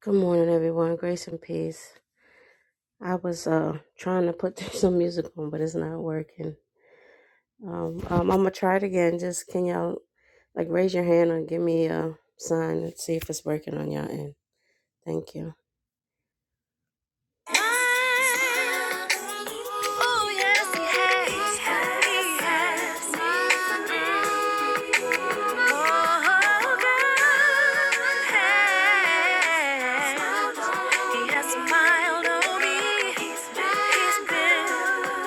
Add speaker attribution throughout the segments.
Speaker 1: Good morning, everyone. Grace and peace. I was uh trying to put some music on, but it's not working. Um, um, I'm gonna try it again. Just can y'all like raise your hand or give me a sign and see if it's working on y'all end. Thank you. Oh, yes, he has. Oh, God He has smiled on me. He's been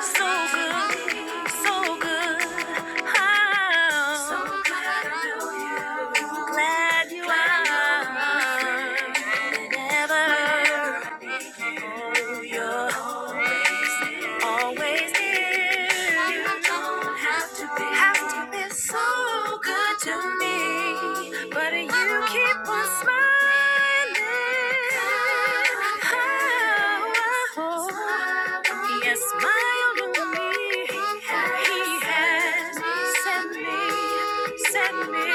Speaker 1: so good, so good. I'm glad you are. Yes, my own me. He has sent me, sent me.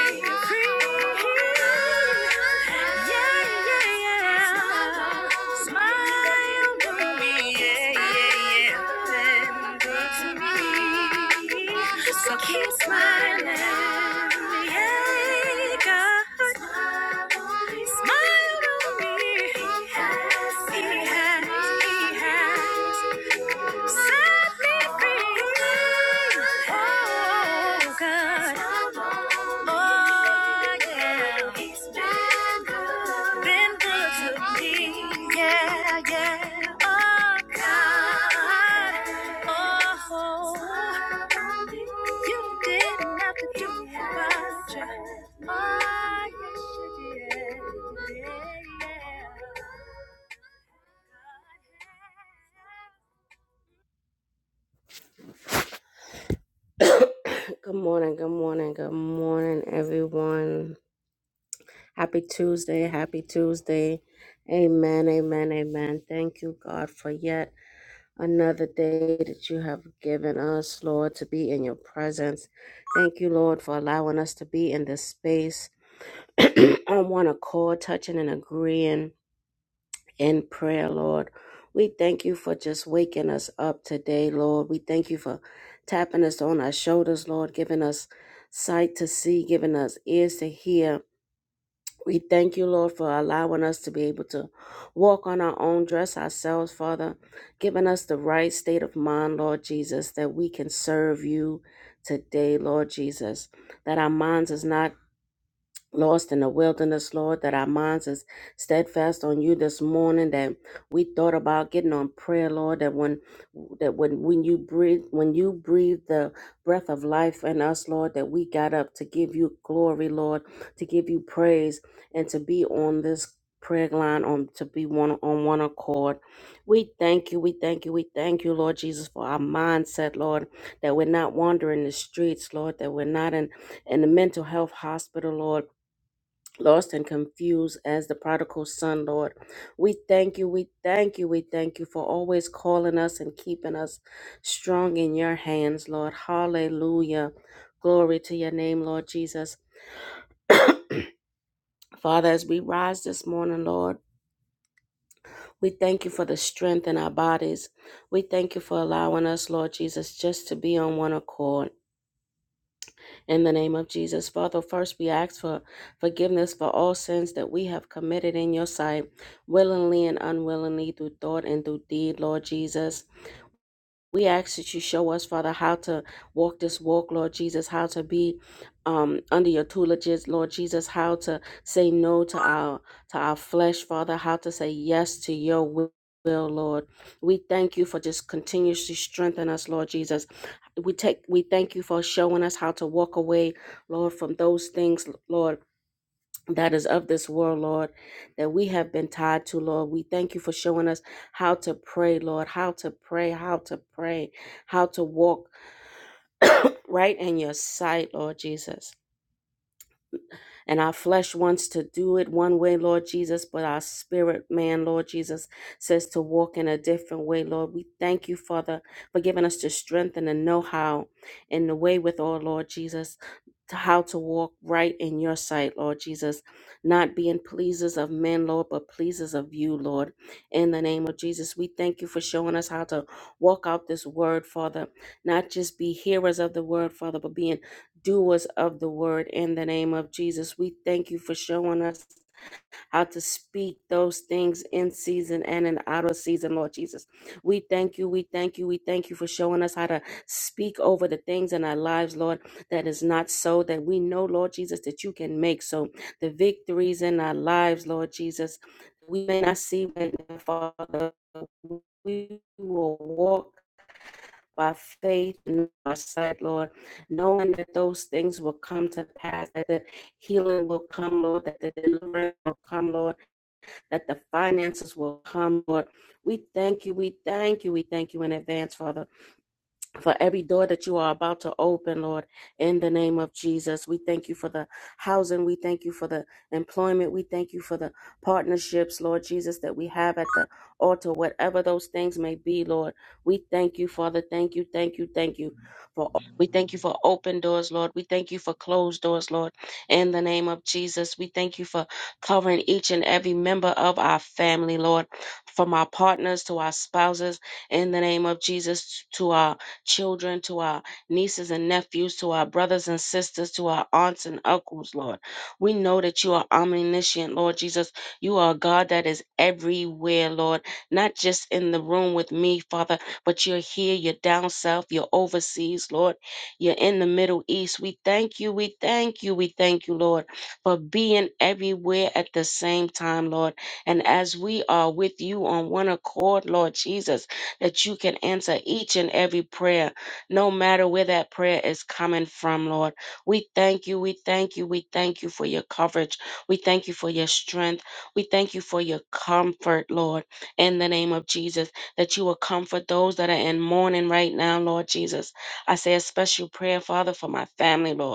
Speaker 1: So keep smiling, yeah, God. Smile on me. He has, he has, he has. Set me free. Oh, God. Oh, yeah. He's been good. Been good to me. Yeah, yeah. Oh, God. Oh, you didn't have to do much. Oh, yes, you did. Yeah, yeah. Good morning, good morning, good morning, everyone. Happy Tuesday, happy Tuesday. Amen, amen, amen. Thank you, God, for yet another day that you have given us, Lord, to be in your presence. Thank you, Lord, for allowing us to be in this space on one accord, touching and agreeing in prayer, Lord. We thank you for just waking us up today, Lord. We thank you for tapping us on our shoulders, Lord, giving us sight to see, giving us ears to hear. We thank you, Lord, for allowing us to be able to walk on our own, dress ourselves, Father, giving us the right state of mind, Lord Jesus, that we can serve you today, Lord Jesus. That our minds is not lost in the wilderness, Lord, that our minds is steadfast on you this morning, that we thought about getting on prayer, Lord, that when that when when you breathe when you breathe the breath of life in us, Lord, that we got up to give you glory, Lord, to give you praise and to be on this prayer line on to be one on one accord. We thank you, we thank you, we thank you, Lord Jesus, for our mindset, Lord, that we're not wandering the streets, Lord, that we're not in in the mental health hospital, Lord, lost and confused as the prodigal son, Lord. We thank you, we thank you, we thank you for always calling us and keeping us strong in your hands, Lord. Hallelujah. Glory to your name, Lord Jesus. Father, as we rise this morning, Lord, we thank you for the strength in our bodies. We thank you for allowing us, Lord Jesus, just to be on one accord. in the name of Jesus. Father, first we ask for forgiveness for all sins that we have committed in your sight, willingly and unwillingly, through thought and through deed, Lord Jesus. We ask that you show us, Father, how to walk this walk, Lord Jesus, how to be um, under your tutelages, Lord Jesus, how to say no to our to our flesh, Father, how to say yes to your will. Lord, we thank you for just continuously strengthening us, Lord Jesus. We take we thank you for showing us how to walk away, Lord, from those things, Lord, that is of this world, Lord, that we have been tied to, Lord. We thank you for showing us how to pray, Lord, how to pray, how to pray, how to walk right in your sight, Lord Jesus. And our flesh wants to do it one way, Lord Jesus, but our spirit man, Lord Jesus, says to walk in a different way, Lord. We thank you, Father, for giving us the strength and the know how and the way with all, Lord Jesus, to how to walk right in your sight, Lord Jesus, not being pleasers of men, Lord, but pleasers of you, Lord. In the name of Jesus, we thank you for showing us how to walk out this word, Father, not just be hearers of the word, Father, but being doers of the word in the name of Jesus. We thank you for showing us how to speak those things in season and in out of season, Lord Jesus. We thank you, we thank you, we thank you for showing us how to speak over the things in our lives, Lord, that is not so, that we know, Lord Jesus, that you can make so. The victories in our lives, Lord Jesus, we may not see right now, Father. We will walk by faith and by sight, Lord, knowing that those things will come to pass, that the healing will come, Lord, that the deliverance will come, Lord, that the finances will come, Lord. We thank you, we thank you, we thank you in advance, Father for every door that you are about to open, Lord, in the name of Jesus. We thank you for the housing. We thank you for the employment. We thank you for the partnerships, Lord Jesus, that we have at the altar, whatever those things may be, Lord. We thank you, Father. Thank you, thank you, thank you. For we thank you for open doors, Lord. We thank you for closed doors, Lord. In the name of Jesus, we thank you for covering each and every member of our family, Lord. From our partners to our spouses, in the name of Jesus, to our children, to our nieces and nephews, to our brothers and sisters, to our aunts and uncles, Lord. We know that you are omniscient, Lord Jesus. You are a God that is everywhere, Lord, not just in the room with me, Father, but you're here, you're down south, you're overseas, Lord. You're in the Middle East. We thank you, we thank you, we thank you, Lord, for being everywhere at the same time, Lord. And as we are with you on one accord, Lord Jesus, that you can answer each and every prayer, no matter where that prayer is coming from, Lord. We thank you. We thank you. We thank you for your coverage. We thank you for your strength. We thank you for your comfort, Lord, in the name of Jesus, that you will comfort those that are in mourning right now, Lord Jesus. I say a special prayer, Father, for my family, Lord.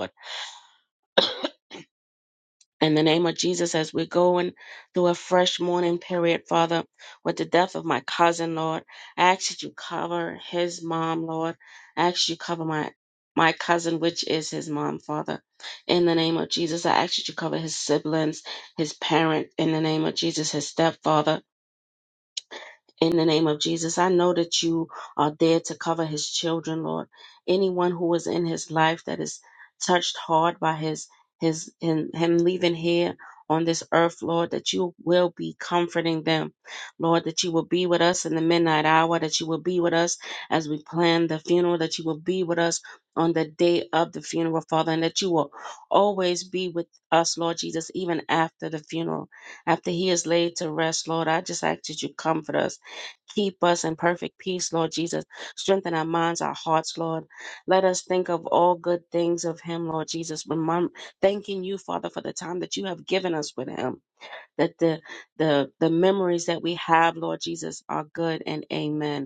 Speaker 1: In the name of Jesus, as we're going through a fresh mourning period, Father, with the death of my cousin, Lord, I ask that you cover his mom, Lord. I ask you cover my my cousin, which is his mom, Father. In the name of Jesus, I ask that you cover his siblings, his parent, in the name of Jesus, his stepfather. In the name of Jesus, I know that you are there to cover his children, Lord. Anyone who is in his life that is touched hard by his his him, him leaving here on this earth, Lord, that you will be comforting them. Lord, that you will be with us in the midnight hour, that you will be with us as we plan the funeral, that you will be with us on the day of the funeral, Father, and that you will always be with us, Lord Jesus, even after the funeral, after he is laid to rest, Lord. I just ask that you comfort us Keep us in perfect peace, Lord Jesus. Strengthen our minds, our hearts, Lord. Let us think of all good things of Him, Lord Jesus. Remem- thanking you, Father, for the time that you have given us with Him. That the the the memories that we have, Lord Jesus, are good. And Amen.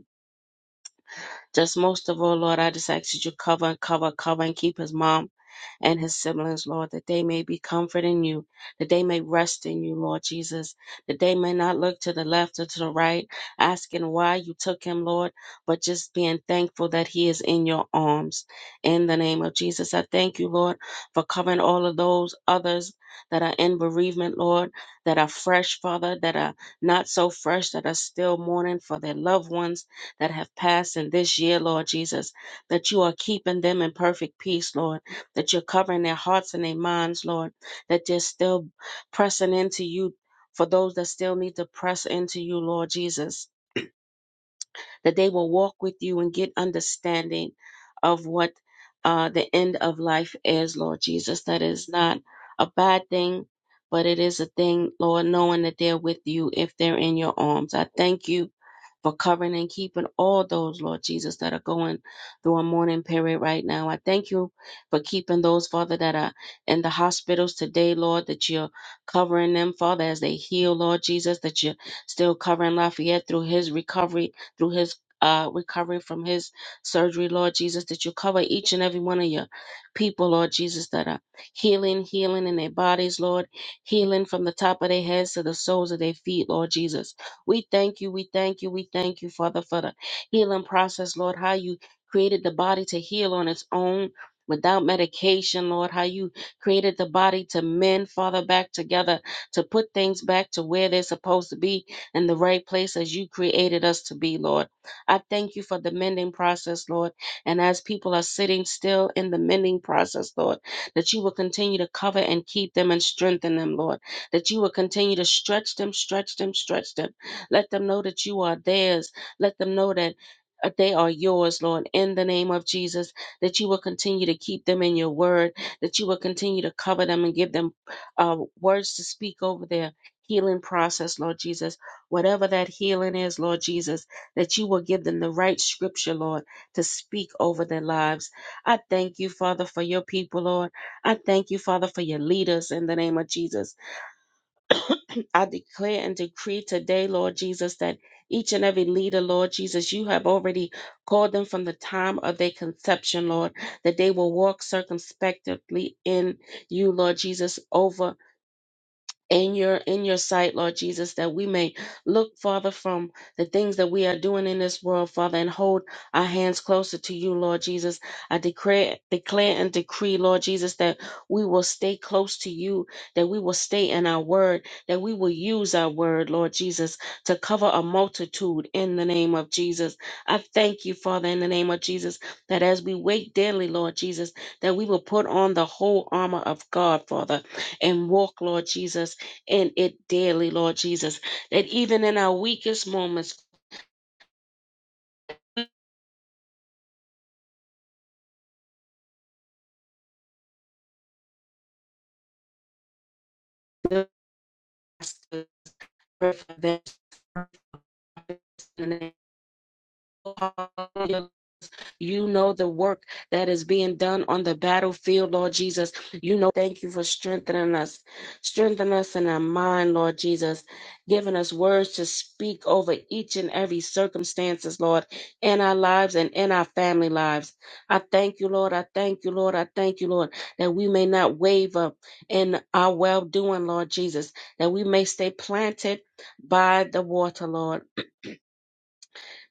Speaker 1: Just most of all, Lord, I just ask that you cover and cover, cover and keep his mom and his siblings, Lord, that they may be comforted in you, that they may rest in you, Lord Jesus, that they may not look to the left or to the right, asking why you took him, Lord, but just being thankful that he is in your arms. In the name of Jesus, I thank you, Lord, for covering all of those others that are in bereavement, Lord, that are fresh, Father, that are not so fresh, that are still mourning for their loved ones that have passed in this year, Lord Jesus, that you are keeping them in perfect peace, Lord, that you're covering their hearts and their minds, Lord, that they're still pressing into you for those that still need to press into you, Lord Jesus, that they will walk with you and get understanding of what uh, the end of life is, Lord Jesus. That is not a bad thing, but it is a thing, Lord, knowing that they're with you if they're in your arms. I thank you for covering and keeping all those, Lord Jesus, that are going through a mourning period right now. I thank you for keeping those, Father, that are in the hospitals today, Lord, that you're covering them, Father, as they heal, Lord Jesus, that you're still covering Lafayette through his recovery, through his uh, recovery from his surgery, Lord Jesus, that you cover each and every one of your people, Lord Jesus, that are healing, healing in their bodies, Lord, healing from the top of their heads to the soles of their feet, Lord Jesus we thank you, we thank you, we thank you, Father, for the healing process, Lord, how you created the body to heal on its own. Without medication, Lord, how you created the body to mend, Father, back together, to put things back to where they're supposed to be in the right place as you created us to be, Lord. I thank you for the mending process, Lord. And as people are sitting still in the mending process, Lord, that you will continue to cover and keep them and strengthen them, Lord. That you will continue to stretch them, stretch them, stretch them let them know that you are theirs. Let them know that uh, they are yours, Lord, in the name of Jesus, that you will continue to keep them in your word, that you will continue to cover them and give them uh, words to speak over their healing process, Lord Jesus. Whatever that healing is, Lord Jesus, that you will give them the right scripture, Lord, to speak over their lives. I thank you, Father, for your people, Lord. I thank you, Father, for your leaders in the name of Jesus. I declare and decree today, Lord Jesus, that each and every leader, Lord Jesus, you have already called them from the time of their conception, Lord, that they will walk circumspectly in you, Lord Jesus, over in your in your sight lord jesus that we may look father from the things that we are doing in this world father and hold our hands closer to you lord jesus i declare declare and decree lord jesus that we will stay close to you that we will stay in our word that we will use our word lord jesus to cover a multitude in the name of jesus i thank you father in the name of jesus that as we wait daily lord jesus that we will put on the whole armor of god father and walk lord jesus in it daily, Lord Jesus, that even in our weakest moments, we will ask for them. Hallelujah, You know the work that is being done on the battlefield, Lord Jesus. You know, thank you for strengthening us. Strengthen us in our mind, Lord Jesus. Giving us words to speak over each and every circumstances, Lord, in our lives and in our family lives. I thank you, Lord. I thank you, Lord. I thank you, Lord, that we may not waver in our well doing, Lord Jesus, that we may stay planted by the water, Lord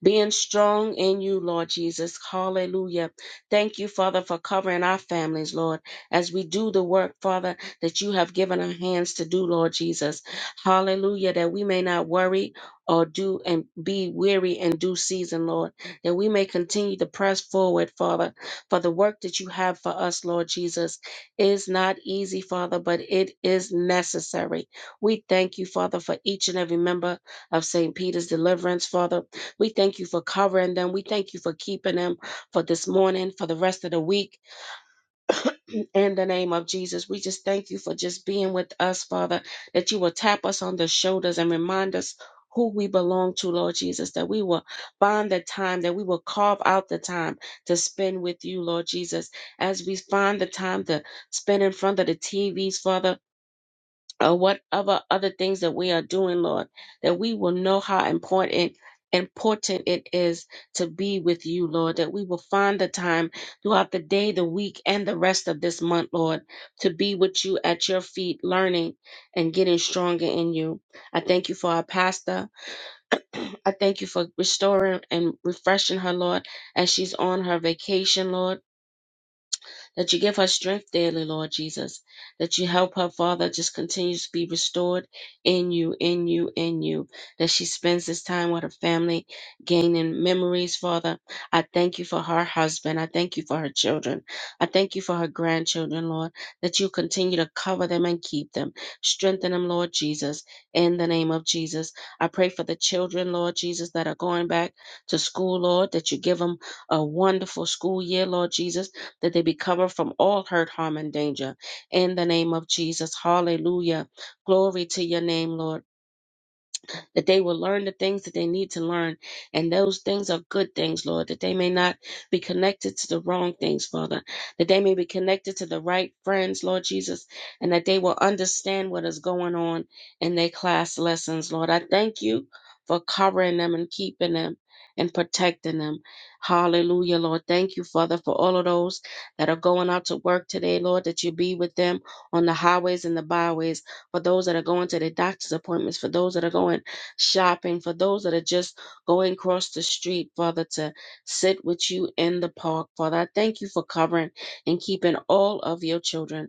Speaker 1: being strong in you, Lord Jesus. Hallelujah. Thank you, Father, for covering our families, Lord, as we do the work, Father, that you have given our hands to do, Lord Jesus. Hallelujah, that we may not worry or do and be weary in due season, Lord, that we may continue to press forward, Father, for the work that you have for us, Lord Jesus, is not easy, Father, but it is necessary. We thank you, Father, for each and every member of St. Peter's Deliverance, Father. We thank you for covering them. We thank you for keeping them for this morning, for the rest of the week. In the name of Jesus, we just thank you for just being with us, Father, that you will tap us on the shoulders and remind us who we belong to, Lord Jesus, that we will find the time, that we will carve out the time to spend with you, Lord Jesus, as we find the time to spend in front of the TVs, Father or whatever other things that we are doing, Lord, that we will know how important important it is to be with you, Lord, that we will find the time throughout the day, the week, and the rest of this month, Lord, to be with you at your feet, learning and getting stronger in you. I thank you for our pastor. I thank you for restoring and refreshing her, Lord, as she's on her vacation, Lord that you give her strength daily, Lord Jesus, that you help her, Father, just continues to be restored in you, in you, in you, that she spends this time with her family, gaining memories, Father. I thank you for her husband. I thank you for her children. I thank you for her grandchildren, Lord, that you continue to cover them and keep them. Strengthen them, Lord Jesus, in the name of Jesus. I pray for the children, Lord Jesus, that are going back to school, Lord, that you give them a wonderful school year, Lord Jesus that they be covered from all hurt, harm, and danger. In the name of Jesus. Hallelujah. Glory to your name, Lord that they will learn the things that they need to learn. And those things are good things, Lord, that they may not be connected to the wrong things, Father, that they may be connected to the right friends, Lord Jesus, and that they will understand what is going on in their class lessons, Lord. I thank you for covering them and keeping them and protecting them. Hallelujah, Lord. Thank you, Father, for all of those that are going out to work today, Lord, that you be with them on the highways and the byways, for those that are going to their doctor's appointments, for those that are going shopping, for those that are just going across the street, Father, to sit with you in the park. Father, I thank you for covering and keeping all of your children.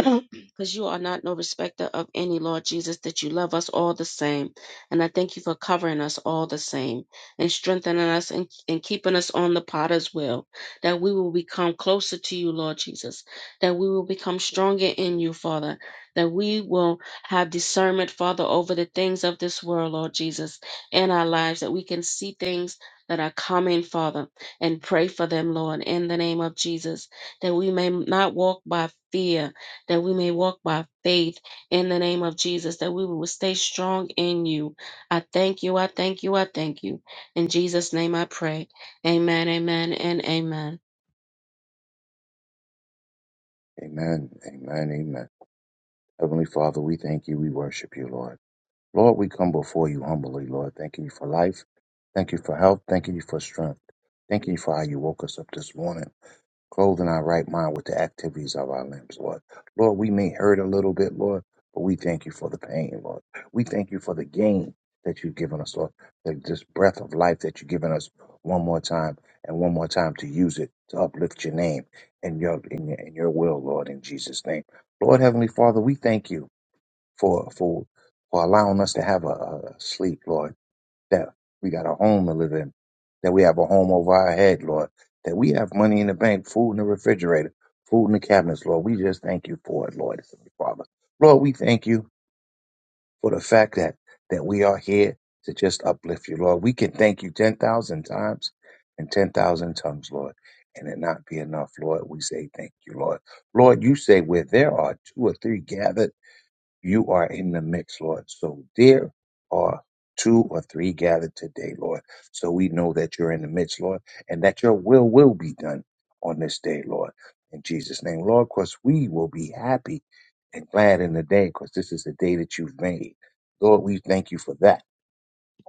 Speaker 1: because you are not no respecter of any, Lord Jesus, that you love us all the same. And I thank you for covering us all the same and strengthening us and, and keeping us on the potter's wheel, that we will become closer to you, Lord Jesus, that we will become stronger in you, Father, that we will have discernment, Father, over the things of this world, Lord Jesus, in our lives, that we can see things. That are coming, Father, and pray for them, Lord, in the name of Jesus, that we may not walk by fear, that we may walk by faith in the name of Jesus, that we will stay strong in you. I thank you. I thank you. I thank you. In Jesus' name I pray. Amen, amen, and amen.
Speaker 2: Amen. Amen. Amen. Heavenly Father, we thank you. We worship you, Lord. Lord, we come before you humbly, Lord. Thank you for life. Thank you for health. Thank you for strength. Thank you for how you woke us up this morning clothing our right mind with the activities of our limbs, Lord. Lord, we may hurt a little bit, Lord, but we thank you for the pain, Lord. We thank you for the gain that you've given us, Lord, that this breath of life that you've given us one more time and one more time to use it to uplift your name and your in your, in your will, Lord, in Jesus' name. Lord, Heavenly Father, we thank you for for for allowing us to have a, a sleep, Lord that we got a home to live in, that we have a home over our head, Lord, that we have money in the bank, food in the refrigerator, food in the cabinets, Lord. We just thank you for it, Lord, Heavenly Father. Lord, we thank you for the fact that that we are here to just uplift you, Lord. We can thank you ten thousand times and ten thousand tongues, Lord. And it not be enough, Lord. We say thank you, Lord. Lord, you say where there are two or three gathered you are in the mix, Lord. So there are two or three gathered today, Lord. So we know that you're in the midst, Lord, and that your will will be done on this day, Lord. In Jesus' name, Lord, Cause we will be happy and glad in the day because this is the day that you've made. Lord, we thank you for that.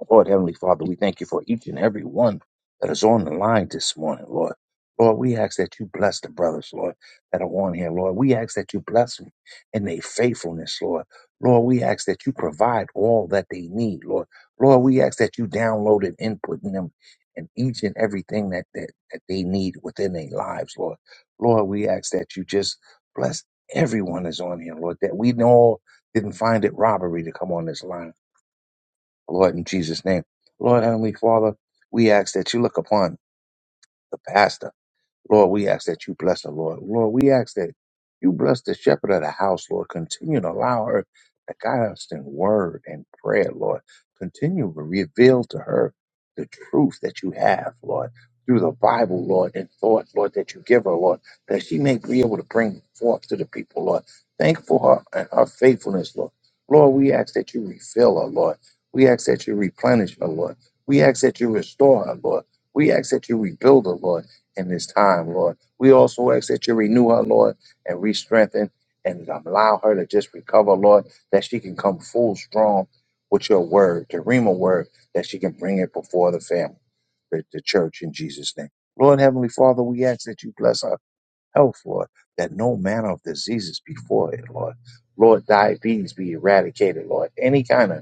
Speaker 2: Lord Heavenly Father, we thank you for each and every one that is on the line this morning, Lord. Lord, we ask that you bless the brothers, Lord, that are on here, Lord. We ask that you bless them in their faithfulness, Lord. Lord, we ask that you provide all that they need, Lord. Lord, we ask that you download and input in them and each and everything that, that, that they need within their lives, Lord. Lord, we ask that you just bless everyone that's on here, Lord, that we all didn't find it robbery to come on this line. Lord, in Jesus' name. Lord, Heavenly Father, we ask that you look upon the pastor. Lord, we ask that you bless her, Lord. Lord, we ask that you bless the shepherd of the house, Lord. Continue to allow her to guide us in word and prayer, Lord. Continue to reveal to her the truth that you have, Lord, through the Bible, Lord, and thought, Lord, that you give her, Lord, that she may be able to bring forth to the people, Lord. Thank for her and her faithfulness, Lord. Lord, we ask that you refill her, Lord. We ask that you replenish her, Lord. We ask that you restore her, Lord. We ask that you rebuild her, Lord in this time, Lord. We also ask that you renew her, Lord, and re strengthen and allow her to just recover, Lord, that she can come full strong with your word, the Rhema word, that she can bring it before the family, the, the church in Jesus' name. Lord Heavenly Father, we ask that you bless her health, Lord, that no manner of diseases before it, Lord. Lord, diabetes be eradicated, Lord. Any kind of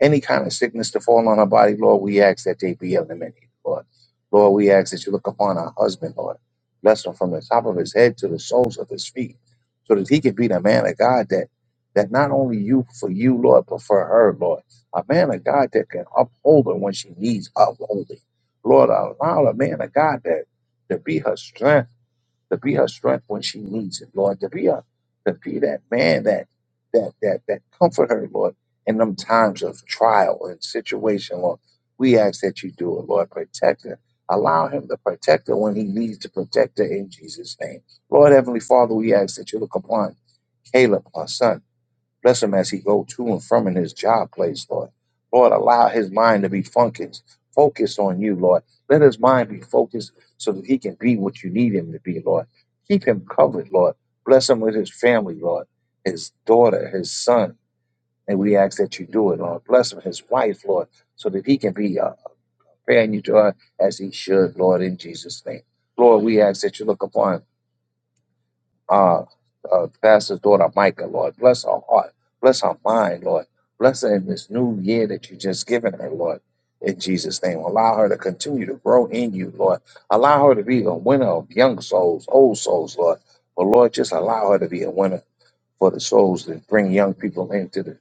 Speaker 2: any kind of sickness to fall on our body, Lord, we ask that they be eliminated, Lord. Lord, we ask that you look upon our husband, Lord. Bless him from the top of his head to the soles of his feet, so that he can be the man of God that that not only you for you, Lord, but for her, Lord. A man of God that can uphold her when she needs upholding. Lord, allow a man of God that to be her strength to be her strength when she needs it, Lord, to be a, to be that man that that that that comfort her, Lord, in them times of trial and situation, Lord. We ask that you do it, Lord. Protect her. Allow him to protect her when he needs to protect her in Jesus' name. Lord Heavenly Father, we ask that you look upon Caleb, our son. Bless him as he go to and from in his job place, Lord. Lord, allow his mind to be focused, focused on you, Lord. Let his mind be focused so that he can be what you need him to be, Lord. Keep him covered, Lord. Bless him with his family, Lord, his daughter, his son. And we ask that you do it, Lord. Bless him, his wife, Lord, so that he can be a friend you to her as he should, Lord, in Jesus' name. Lord, we ask that you look upon uh, uh, pastor's daughter Micah, Lord. Bless her heart. Bless her mind, Lord. Bless her in this new year that you just given her, Lord. In Jesus' name, allow her to continue to grow in you, Lord. Allow her to be a winner of young souls, old souls, Lord. But Lord, just allow her to be a winner for the souls that bring young people into the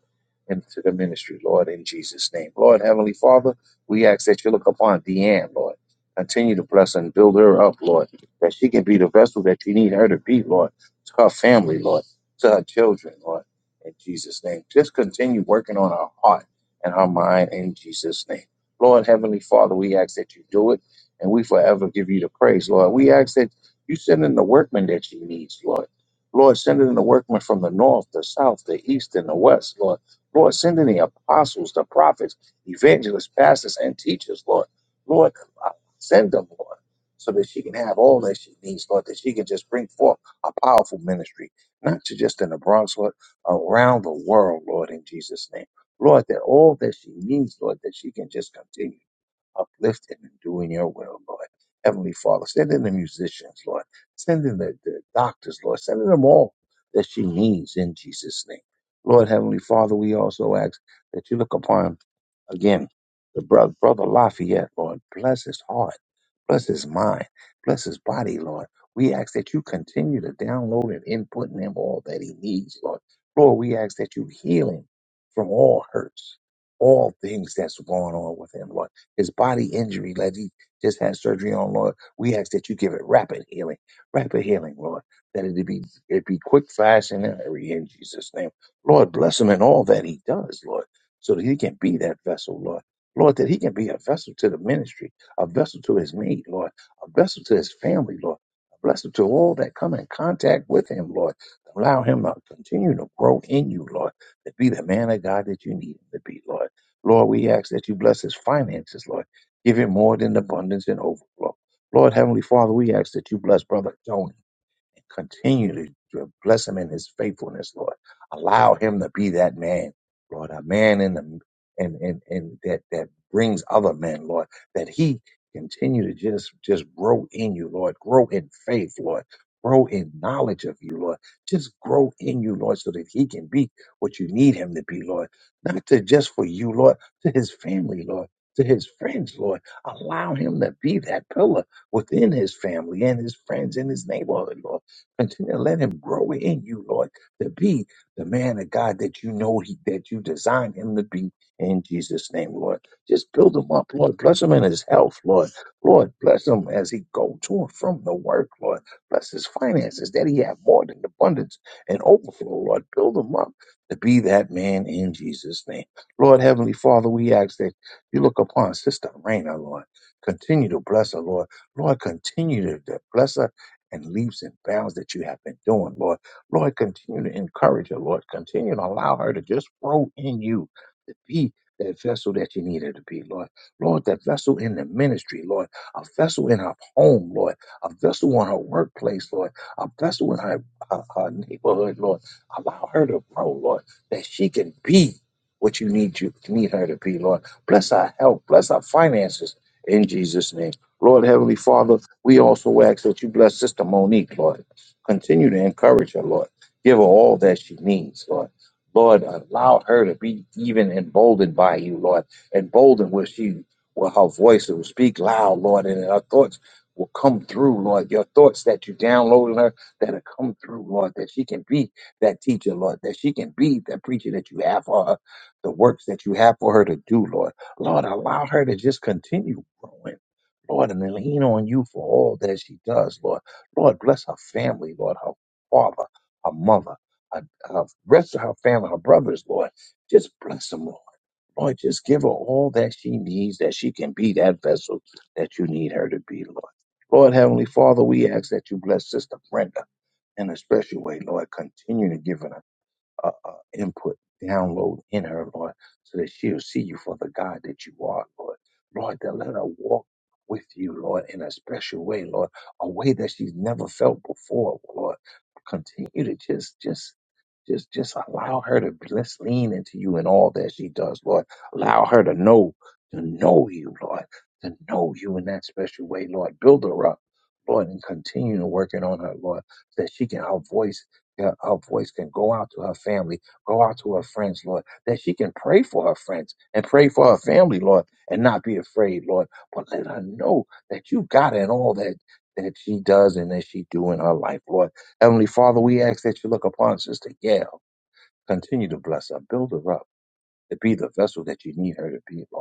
Speaker 2: into the ministry, Lord, in Jesus' name. Lord, Heavenly Father, we ask that you look upon Deanne, Lord. Continue to bless and build her up, Lord, that she can be the vessel that you need her to be, Lord, to her family, Lord, to her children, Lord, in Jesus' name. Just continue working on her heart and her mind in Jesus' name. Lord, Heavenly Father, we ask that you do it, and we forever give you the praise, Lord. We ask that you send in the workmen that she needs, Lord Lord, send in the workmen from the north, the south, the east, and the west, Lord. Lord, send in the apostles, the prophets, evangelists, pastors, and teachers, Lord. Lord, send them, Lord, so that she can have all that she needs, Lord, that she can just bring forth a powerful ministry, not to just in the Bronx, Lord, around the world, Lord, in Jesus' name. Lord, that all that she needs, Lord, that she can just continue uplifting and doing your will, Lord. Heavenly Father, send in the musicians, Lord. Sending the, the doctors, Lord. sending them all that she needs in Jesus' name. Lord Heavenly Father, we also ask that you look upon again the brother, brother Lafayette, Lord. Bless his heart. Bless his mind. Bless his body, Lord. We ask that you continue to download and input in him all that he needs, Lord. Lord, we ask that you heal him from all hurts, all things that's going on with him, Lord. His body injury that he just had surgery on, Lord. We ask that you give it rapid healing, rapid healing, Lord. That it be it be quick, fast, and in a hurry in Jesus' name. Lord, bless him in all that he does, Lord, so that he can be that vessel, Lord. Lord, that he can be a vessel to the ministry a vessel to his mate, Lord, a vessel to his family, Lord, a blessing to all that come in contact with him, Lord. Allow him to continue to grow in you, Lord, to be the man of God that you need him to be, Lord. Lord, we ask that you bless his finances, Lord. Give him more than abundance and overflow. Lord, Heavenly Father, we ask that you bless Brother Tony and continue to, to bless him in his faithfulness, Lord. Allow him to be that man, Lord, a man in the and and and that that brings other men, Lord, that he continue to just just grow in you, Lord, grow in faith, Lord, grow in knowledge of you, Lord. Just grow in you, Lord, so that he can be what you need him to be, Lord. Not to just for you, Lord, to his family, Lord. To his friends, Lord, allow him to be that pillar within his family and his friends in his neighborhood, Lord Continue to let him grow in you, Lord, to be the man of God that you know he, that you designed him to be in Jesus' name, Lord. Just build him up, Lord. Bless him in his health, Lord. Lord, bless him as he go to and from the work, Lord. Bless his finances that he have more than abundance and overflow, Lord. Build him up to be that man in Jesus' name. Lord, Heavenly Father, we ask that you look upon Sister Raina, Lord. Continue to bless her, Lord. Lord, continue to bless her and leaps and bounds that you have been doing, Lord. Lord, continue to encourage her, Lord. Continue to allow her to just grow in you, to be that vessel that you need her to be, Lord. Lord, that vessel in the ministry, Lord. A vessel in her home, Lord. A vessel on her workplace, Lord. A vessel in her, her, her neighborhood, Lord. Allow her to grow, Lord, that she can be what you need you need her to be, Lord. Bless our health, bless our finances in Jesus' name. Lord Heavenly Father, we also ask that you bless Sister Monique, Lord. Continue to encourage her, Lord. Give her all that she needs, Lord. Lord, allow her to be even emboldened by you, Lord. Emboldened where she, where her voice will speak loud, Lord, and her thoughts will come through, Lord. Your thoughts that you download in her that'll come through, Lord, that she can be that teacher, Lord, that she can be that preacher that you have for her, the works that you have for her to do, Lord. Lord, allow her to just continue growing. Lord, and then lean on you for all that she does, Lord. Lord, bless her family, Lord, her father, her mother, her, her rest of her family, her brothers, Lord. Just bless them, Lord. Lord, just give her all that she needs, that she can be that vessel that you need her to be, Lord. Lord, Heavenly Father, we ask that you bless Sister Brenda in a special way, Lord. Continue to give her uh, uh, input, download in her, Lord, so that she'll see you for the God that you are, Lord. Lord, that let her walk with you, Lord, in a special way, Lord, a way that she's never felt before, Lord. Continue to just, just, just, just allow her to let's lean into you in all that she does, Lord. Allow her to know, to know you, Lord, to know you in that special way, Lord. Build her up, Lord, and continue to working on her, Lord, so that she can her voice her her voice can go out to her family, go out to her friends, Lord, that she can pray for her friends and pray for her family, Lord, and not be afraid, Lord. But let her know that you got her in all that that she does and that she do in her life, Lord. Heavenly Father, we ask that you look upon Sister Gail, continue to bless her, build her up, to be the vessel that you need her to be, Lord.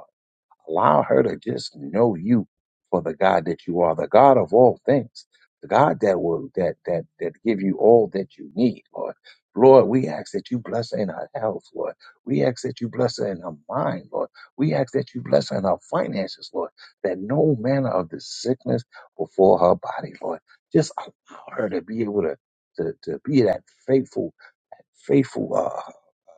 Speaker 2: Allow her to just know you for the God that you are, the God of all things, the God that will that that that give you all that you need, Lord. Lord, we ask that you bless her in her health, Lord. We ask that you bless her in her mind, Lord. We ask that you bless her in her finances, Lord, that no manner of the sickness before her body, Lord. Just allow her to be able to to, to be that faithful, faithful. uh,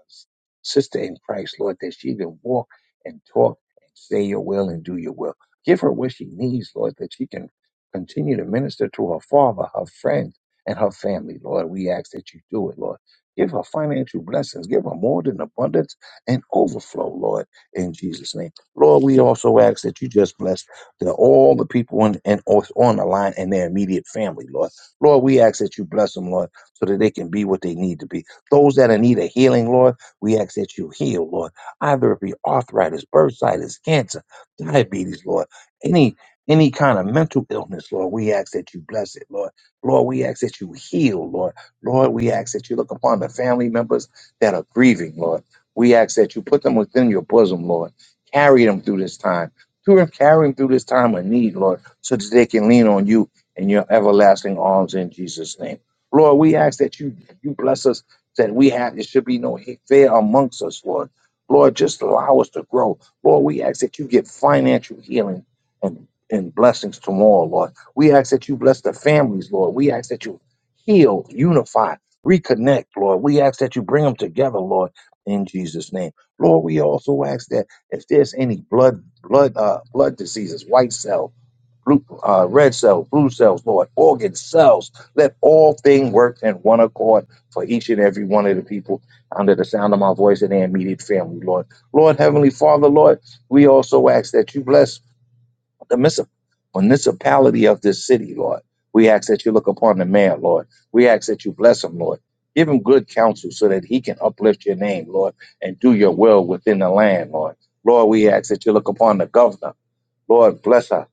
Speaker 2: uh, sister in Christ, Lord, that she can walk and talk and say your will and do your will. Give her what she needs, Lord, that she can continue to minister to her father, her friends, and her family, Lord. We ask that you do it, Lord. Give her financial blessings. Give her more than abundance and overflow, Lord, in Jesus' name. Lord, we also ask that you just bless the, all the people in, and on on the line and their immediate family, Lord. Lord, we ask that you bless them, Lord, so that they can be what they need to be those that are in need a healing, Lord. We ask that you heal, Lord, either it be arthritis, bursitis, cancer, diabetes, Lord, any any kind of mental illness, Lord, we ask that you bless it, Lord. Lord, we ask that you heal, Lord. Lord, we ask that you look upon the family members that are grieving, Lord. We ask that you put them within your bosom, Lord. Carry them through this time. Through- Carry them through this time of need, Lord, so that they can lean on you in your everlasting arms in Jesus' name. Lord, we ask that you you bless us that we have. There should be no fear amongst us, Lord. Lord, just allow us to grow. Lord, we ask that you get financial healing and, and blessings tomorrow, Lord. We ask that you bless the families, Lord. We ask that you heal, unify, reconnect, Lord. We ask that you bring them together, Lord, in Jesus' name. Lord, we also ask that if there's any blood, blood, uh, blood diseases, white cell blue, uh, red cells, blue cells, Lord, organ cells. Let all things work in one accord for each and every one of the people under the sound of my voice and their immediate family, Lord. Lord, Heavenly Father, Lord, we also ask that you bless the municip- municipality of this city, Lord. We ask that you look upon the man, Lord. We ask that you bless him, Lord. Give him good counsel so that he can uplift your name, Lord, and do your will within the land, Lord. Lord, we ask that you look upon the governor. Lord, bless her.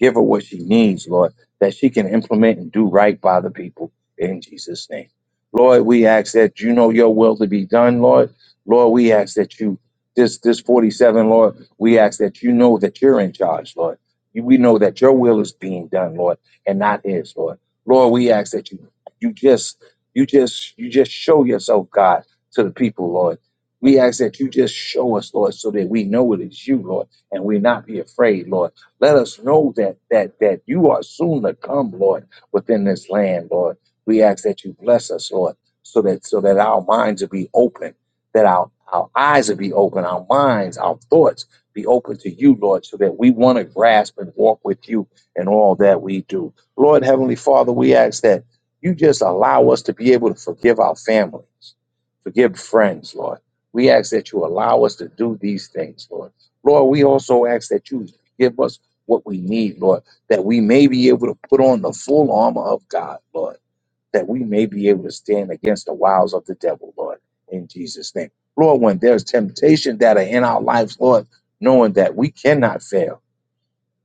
Speaker 2: Give her what she needs, Lord, that she can implement and do right by the people in Jesus' name. Lord, we ask that you know your will to be done, Lord. Lord, we ask that you, this, this 47, Lord, we ask that you know that you're in charge, Lord. You- We know that your will is being done, Lord, and not his, Lord. Lord, we ask that you, you just, you just, you just show yourself, God, to the people, Lord. We ask that you just show us, Lord, so that we know it is you, Lord, and we not be afraid, Lord let us know that that that you are soon to come, Lord, within this land, Lord. We ask that you bless us, Lord, so that so that our minds will be open, that our our eyes will be open, our minds, our thoughts be open to you, Lord, so that we want to grasp and walk with you in all that we do. Lord, Heavenly Father, we ask that you just allow us to be able to forgive our families, forgive friends, Lord. We ask that you allow us to do these things, Lord. Lord, we also ask that you give us what we need, Lord, that we may be able to put on the full armor of God, Lord, that we may be able to stand against the wiles of the devil, Lord, in Jesus' name. Lord, when there's temptation that are in our lives, Lord, knowing that we cannot fail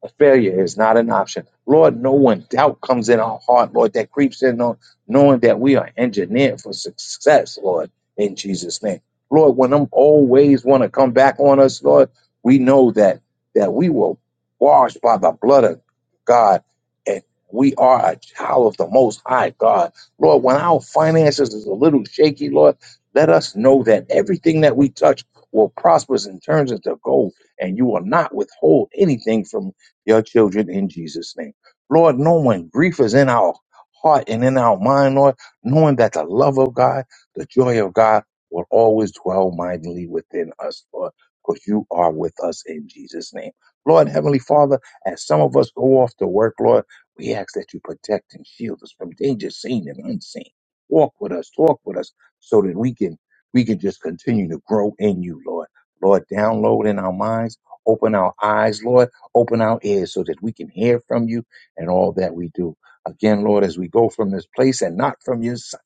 Speaker 2: a failure is not an option. Lord, no one doubt comes in our heart, Lord, that creeps in on knowing that we are engineered for success, Lord, in Jesus' name. Lord, when them old ways want to come back on us, Lord, we know that that we were washed by the blood of God and we are a child of the most high God. Lord, when our finances is a little shaky, Lord, let us know that everything that we touch will prosper and turns into gold, and you will not withhold anything from your children in Jesus' name. Lord, knowing grief is in our heart and in our mind, Lord, knowing that the love of God, the joy of God will always dwell mightily within us, Lord, because you are with us in Jesus' name. Lord, Heavenly Father, as some of us go off to work, Lord, we ask that you protect and shield us from danger seen and unseen. Walk with us, talk with us, so that we can we can just continue to grow in you, Lord. Lord, download in our minds, open our eyes, Lord Open our ears so that we can hear from you and all that we do. Again, Lord, as we go from this place and not from your sight,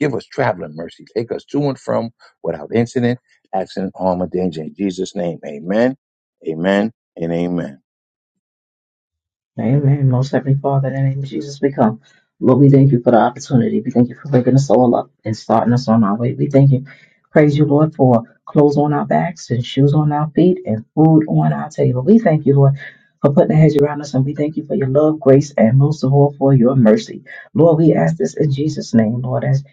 Speaker 2: give us traveling mercy. Take us to and from without incident, accident, harm, or danger. In Jesus' name, amen, amen, and amen.
Speaker 3: Amen. Most Heavenly Father, in the name of Jesus, we come. Lord, we thank you for the opportunity. We thank you for waking us all up and starting us on our way. We thank you. Praise you, Lord, for clothes on our backs and shoes on our feet and food on our table. We thank you, Lord, for putting a hedge around us, and we thank you for your love, grace, and most of all for your mercy. Lord, we ask this in Jesus' name, Lord, as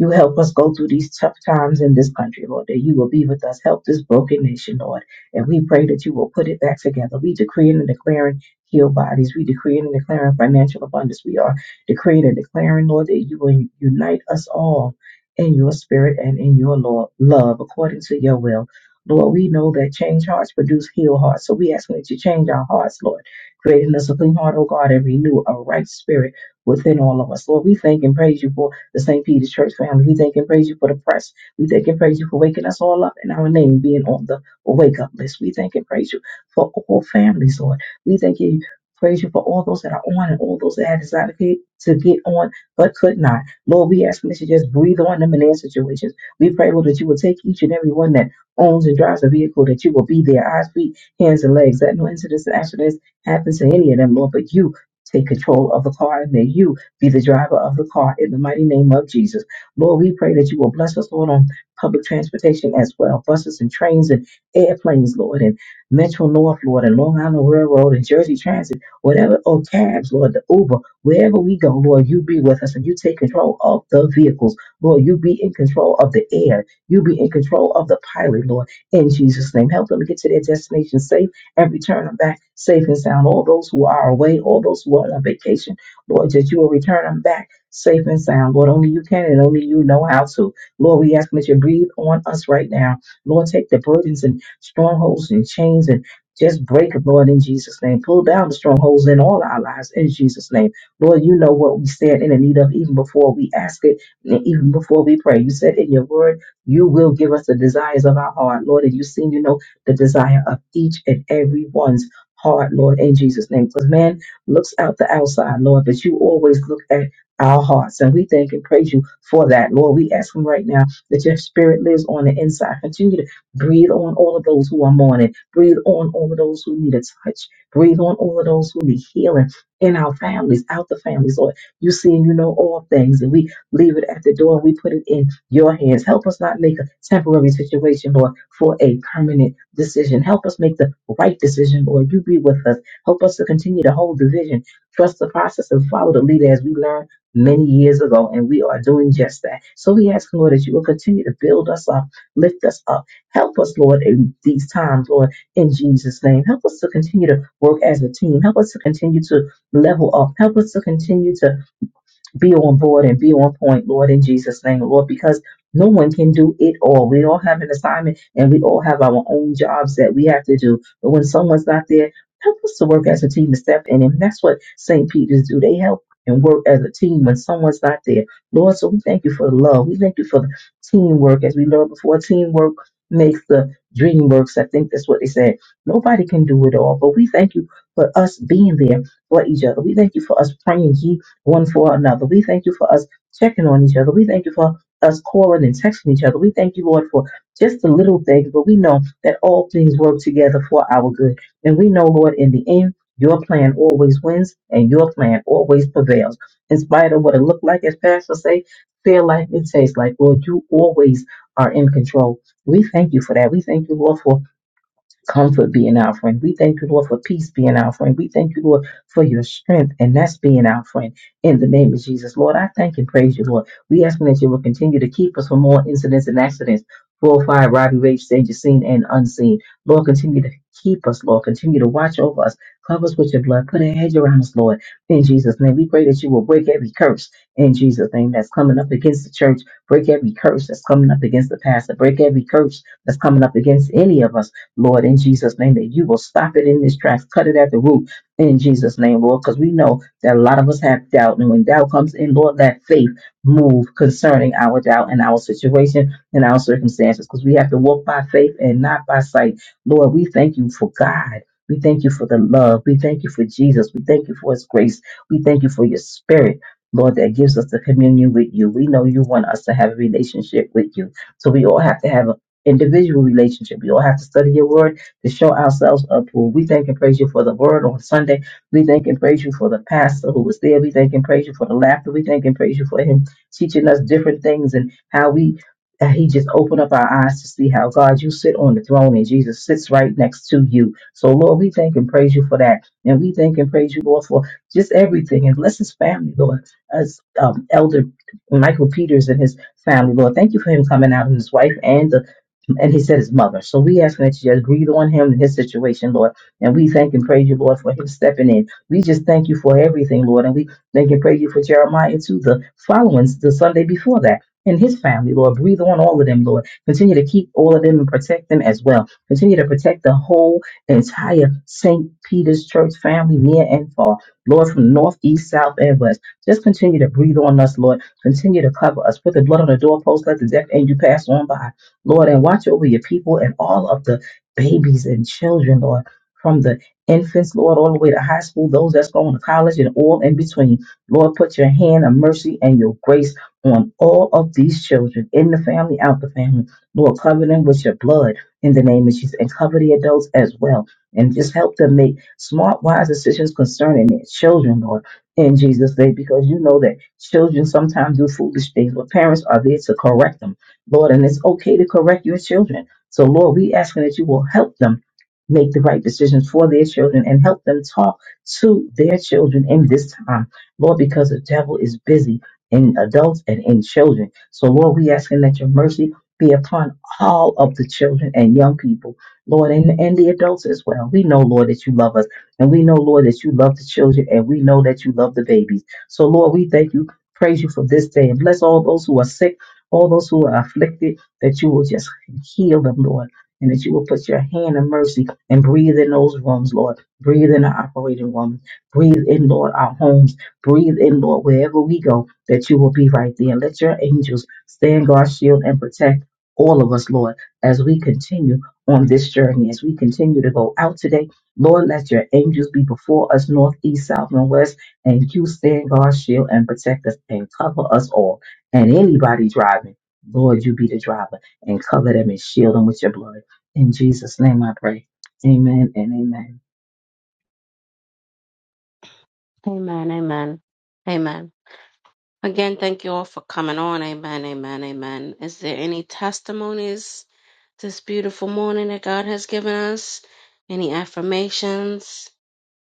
Speaker 3: you help us go through these tough times in this country, Lord, that you will be with us. Help this broken nation, Lord. And we pray that you will put it back together. We decree and declare heal bodies. We decree and declare financial abundance. We are decreeing and declaring, Lord, that you will unite us all in your spirit and in your lo- love according to your will. Lord, we know that change hearts produce heal hearts. So we ask that you change our hearts, Lord, creating us a clean heart, O God, and renew a right spirit within all of us. Lord, we thank and praise you for the St. Peter's Church family. We thank and praise you for the press. We thank and praise you for waking us all up and our name being on the wake up list. We thank and praise you for all families, Lord. We thank you, praise you for all those that are on and all those that had decided to get to get on but could not. Lord, we ask you that you just breathe on them in their situations. We pray, Lord, that you will take each and every one that owns and drives a vehicle, that you will be their eyes, feet, hands, and legs. That no incidents and accidents happen to any of them, Lord, but you take control of the car and that you be the driver of the car in the mighty name of Jesus. Lord, we pray that you will bless us, Lord, on public transportation as well, buses and trains and airplanes, Lord, And Metro North, Lord, and Long Island Railroad and Jersey Transit, whatever, or cabs, Lord, the Uber, wherever we go, Lord, you be with us and you take control of the vehicles. Lord, you be in control of the air. You be in control of the pilot, Lord, in Jesus' name. Help them to get to their destination safe and return them back safe and sound. All those who are away, all those who are on vacation, Lord, that you will return them back safe and sound. Lord, only you can and only you know how to. Lord, we ask that you breathe on us right now. Lord, take the burdens and strongholds and chains and just break it, Lord, in Jesus' name. Pull down the strongholds in all our lives in Jesus' name. Lord, you know what we stand in the need of even before we ask it, and even before we pray. You said in your word, you will give us the desires of our heart, Lord, and you seem to know the desire of each and every one's heart, Lord, in Jesus' name. Because man looks out the outside, Lord, but you always look at our hearts. And we thank and praise you for that. Lord, we ask Him right now that your spirit lives on the inside. Continue to. Breathe on all of those who are mourning. Breathe on all of those who need a touch. Breathe on all of those who need healing in our families, out the families, Lord. You see and you know all things, and we leave it at the door we put it in your hands. Help us not make a temporary situation, Lord, for a permanent decision. Help us make the right decision, Lord. You be with us. Help us to continue to hold the vision, trust the process, and follow the leader as we learned many years ago, and we are doing just that. So we ask, Lord, that you will continue to build us up, lift us up Help us, Lord, in these times, Lord, in Jesus' name. Help us to continue to work as a team. Help us to continue to level up. Help us to continue to be on board and be on point, Lord, in Jesus' name, Lord, because no one can do it all. We all have an assignment and we all have our own jobs that we have to do. But when someone's not there, help us to work as a team to step in. And that's what St. Peter's do. They help and work as a team when someone's not there. Lord, so we thank you for the love. We thank you for the teamwork. As we learned before, teamwork makes the dream works. I think that's what they said. Nobody can do it all, but we thank you for us being there for each other. We thank you for us praying. ye one for another. We thank you for us checking on each other. We thank you for us calling and texting each other. We thank you, Lord, for just the little things, but we know that all things work together for our good. And we know, Lord, in the end, your plan always wins and your plan always prevails. In spite of what it looked like, as Pastor say, feel like it tastes like, Lord, you always are in control. We thank you for that. We thank you, Lord, for Comfort being our friend. We thank you, Lord, for peace being our friend. We thank you, Lord, for your strength, and that's being our friend. In the name of Jesus, Lord, I thank and praise you, Lord. We ask that you will continue to keep us from more incidents and accidents, full fire, robbery, rage, danger, seen and unseen. Lord, continue to keep us, Lord. Continue to watch over us. Cover us with your blood. Put a hedge around us, Lord. In Jesus' name, we pray that you will break every curse in Jesus' name that's coming up against the church. Break every curse that's coming up against the pastor. Break every curse that's coming up against any of us Lord, in Jesus' name, that you will stop it in this tracks, cut it at the root in Jesus' name, Lord, because we know that a lot of us have doubt. And when doubt comes in, Lord, let faith move concerning our doubt and our situation and our circumstances, because we have to walk by faith and not by sight. Lord, we thank you for God. We thank you for the love. We thank you for Jesus. We thank you for his grace. We thank you for your spirit. Lord, that gives us the communion with you. We know you want us to have a relationship with you. So we all have to have a individual relationship. You don't have to study your word to show ourselves approved. We thank and praise you for the word on Sunday. We thank and praise you for the pastor who was there. We thank and praise you for the laughter. We thank and praise you for him teaching us different things and how we. uh, He just opened up our eyes to see how God, you sit on the throne and Jesus sits right next to you. So, Lord, we thank and praise you for that. And we thank and praise you, Lord, for just everything. And bless his family, Lord, as um, Elder Michael Peters and his family, Lord. Thank you for him coming out and his wife and the and he said his mother. So we ask that you just breathe on him and his situation, Lord. And we thank and praise you, Lord, for him stepping in. We just thank you for everything, Lord. And we thank and praise you for Jeremiah too, the following the Sunday before that. And his family, Lord, breathe on all of them, Lord. Continue to keep all of them and protect them as well. Continue to protect the whole entire St. Peter's Church family, near and far, Lord, from north, east, south, and west. Just continue to breathe on us, Lord. Continue to cover us. Put the blood on the doorpost. Let the death angel pass on by. Lord, and watch over your people and all of the babies and children, Lord, from the infants, Lord, all the way to high school, those that's going to college and all in between. Lord, put your hand of mercy and your grace on all of these children in the family, out the family. Lord, cover them with your blood in the name of Jesus and cover the adults as well. And just help them make smart, wise decisions concerning their children, Lord, in Jesus' name, because you know that children sometimes do foolish things, but parents are there to correct them. Lord, and it's okay to correct your children. So, Lord, we asking that you will help them make the right decisions for their children and help them talk to their children in this time, Lord, because the devil is busy in adults and in children. So, Lord, we asking that your mercy be upon all of the children and young people, Lord, and, and the adults as well. We know, Lord, that you love us, and we know, Lord, that you love the children, and we know that you love the babies. So, Lord, we thank you, praise you for this day, and bless all those who are sick all those who are afflicted, that you will just heal them, Lord, and that you will put your hand of mercy and breathe in those rooms, Lord. Breathe in our operating room. Breathe in, Lord, our homes. Breathe in, Lord, wherever we go, that you will be right there. Let your angels stand guard, shield, and protect all of us, Lord, as we continue on this journey, as we continue to go out today. Lord, let your angels be before us, north, east, south, and west, and you stand guard, shield, and protect us and cover us all and anybody driving, Lord, you be the driver and cover them and shield them with your blood. In Jesus' name I pray. Amen and amen.
Speaker 1: Amen, amen, amen. Again, thank you all for coming on. Amen, amen, amen. Is there any testimonies this beautiful morning that God has given us? Any affirmations?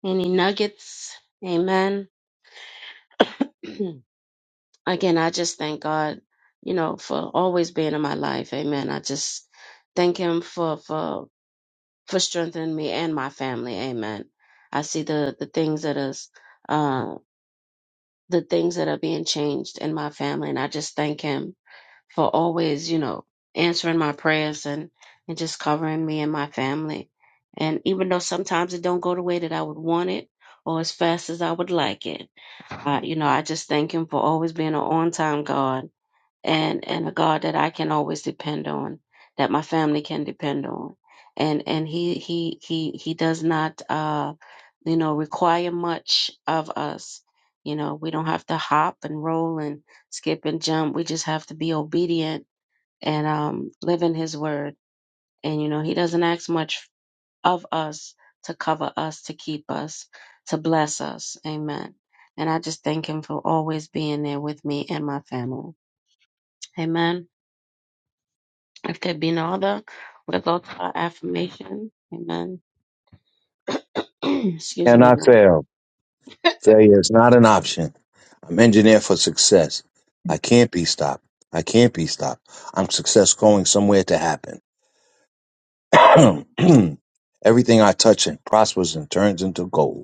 Speaker 1: Any nuggets? Amen. again, I just thank God, you know, for always being in my life. Amen. I just thank Him for for for strengthening me and my family. Amen. I see the the things that is uh the things that are being changed in my family, and I just thank Him for always, you know, answering my prayers and and just covering me and my family. And even though sometimes it don't go the way that I would want it or as fast as I would like it, uh, you know, I just thank Him for always being an on time God and and a God that I can always depend on, that my family can depend on, and and he he he he does not uh you know require much of us. You know we don't have to hop and roll and skip and jump. We just have to be obedient and um live in His word. And you know He doesn't ask much of us to cover us, to keep us, to bless us. Amen. And I just thank Him for always being there with me and my family. Amen. If there be no other, we'll go to our affirmation. Amen. Excuse me,
Speaker 2: Cannot
Speaker 1: everyone.
Speaker 2: fail. Failure is not an option. I'm engineered for success. I can't be stopped. I can't be stopped. I'm success going somewhere to happen. Everything I touch and prospers and turns into gold.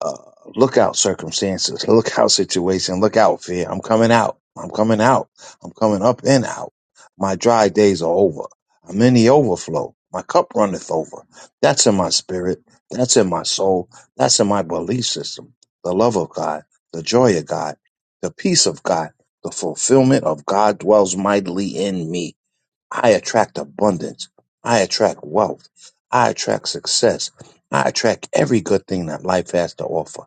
Speaker 2: uh, look out circumstances, look out situation, look out fear. I'm coming out. I'm coming out. I'm coming up and out. My dry days are over. I'm in the overflow. My cup runneth over. That's in my spirit. That's in my soul. That's in my belief system. The love of God, the joy of God, the peace of God, the fulfillment of God dwells mightily in me. I attract abundance. I attract wealth. I attract success. I attract every good thing that life has to offer.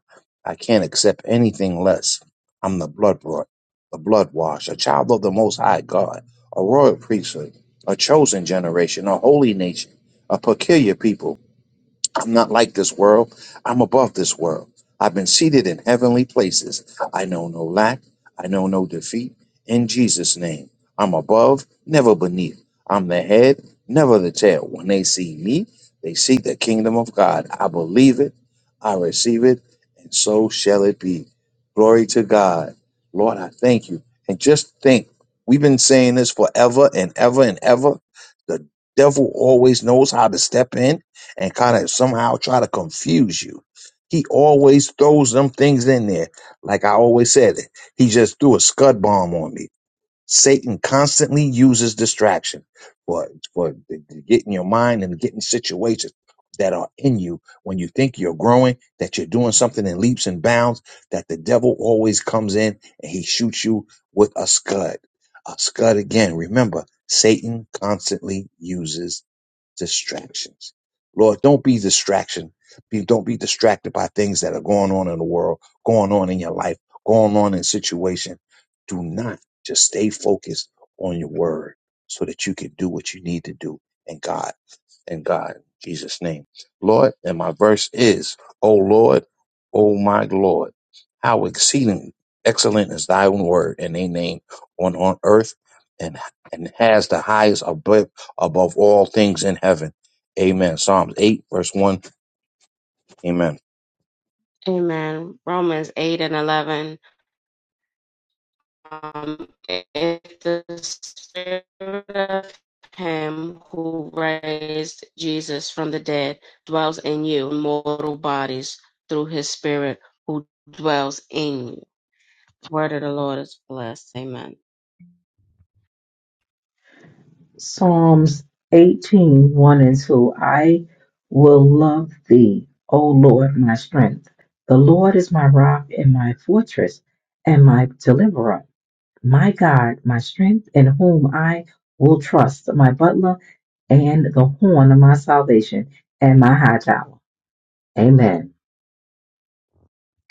Speaker 2: I can't accept anything less. I'm the blood brought, the blood washed, a child of the most high God, a royal priesthood, a chosen generation, a holy nation, a peculiar people I'm not like this world. I'm above this world. I've been seated in heavenly places. I know no lack. I know no defeat. In Jesus' name, I'm above, never beneath. I'm the head, never the tail. When they see me, they see the kingdom of God. I believe it. I receive it. And so shall it be. Glory to God. Lord, I thank you. And just think, we've been saying this forever and ever and ever. The devil always knows how to step in and kind of somehow try to confuse you. He always throws them things in there. Like I always said, he just threw a scud bomb on me. Satan constantly uses distraction for, for to get in your mind and getting situations that are in you when you think you're growing, that you're doing something in leaps and bounds, that the devil always comes in and he shoots you with a scud. A scud again. Remember, Satan constantly uses distractions. Lord, don't be distraction. Be, don't be distracted by things that are going on in the world, going on in your life, going on in situation. Do not just stay focused on your word so that you can do what you need to do. And God in God, in Jesus' name. Lord, and my verse is, O Lord, O my Lord, how exceeding excellent is thy word in thy name on, on earth and and has the highest above above all things in heaven. Amen. Psalms eight, verse one. Amen.
Speaker 1: Amen. Romans 8 and 11. um, if the spirit of him who raised Jesus from the dead dwells in you, mortal bodies through his spirit who dwells in you. the Word of the Lord is blessed. Amen.
Speaker 3: Psalms eighteen one and 2. I will love thee, O Lord, my strength. The Lord is my rock and my fortress and my deliverer, my God, my strength, in whom I will trust, my butler and the horn of my salvation and my high tower. Amen.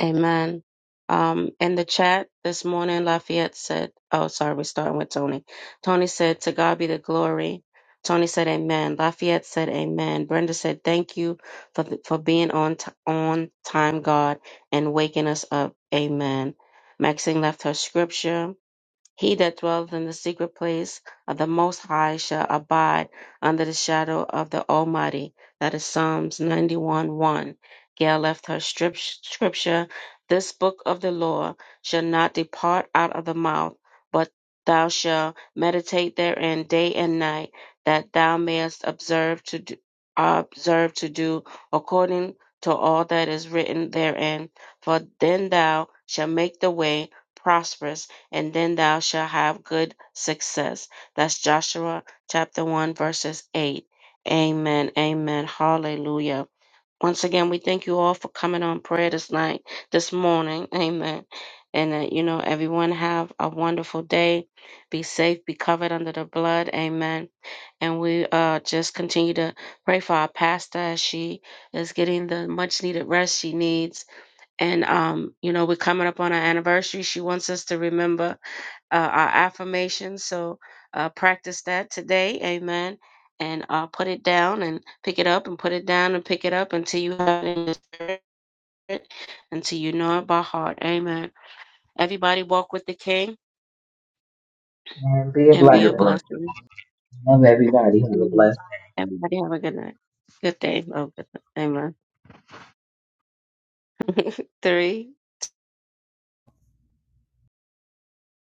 Speaker 1: Amen. Um, in the chat this morning, Lafayette said, oh, sorry, we're starting with Tony. Tony said, to God be the glory. Tony said, amen. Lafayette said, amen. Brenda said, thank you for, for being on, t- on time, God, and waking us up. Amen. Maxine left her scripture. He that dwelleth in the secret place of the Most High shall abide under the shadow of the Almighty. That is Psalms 91 1. Gail left her strip, scripture This book of the law shall not depart out of the mouth, but thou shalt meditate therein day and night, that thou mayest observe to do, observe to do according to all that is written therein. For then thou shalt make the way prosperous and then thou shalt have good success. That's Joshua chapter 1, verses 8. Amen. Amen. Hallelujah. Once again, we thank you all for coming on prayer this night, this morning. Amen. And that, you know, everyone have a wonderful day. Be safe, be covered under the blood. Amen. And we uh, just continue to pray for our pastor as she is getting the much needed rest she needs and, um, you know, we're coming up on our anniversary. She wants us to remember uh, our affirmations. So uh, practice that today. Amen. And uh, put it down and pick it up and put it down and pick it up until you have it in your spirit, until you know it by heart. Amen. Everybody walk with the King
Speaker 3: And be a
Speaker 1: and be a
Speaker 3: blessing.
Speaker 1: blessing.
Speaker 3: Love everybody. Have a blessed
Speaker 1: Amen. Everybody have a good night. Good day. Oh, good night. Amen. Three.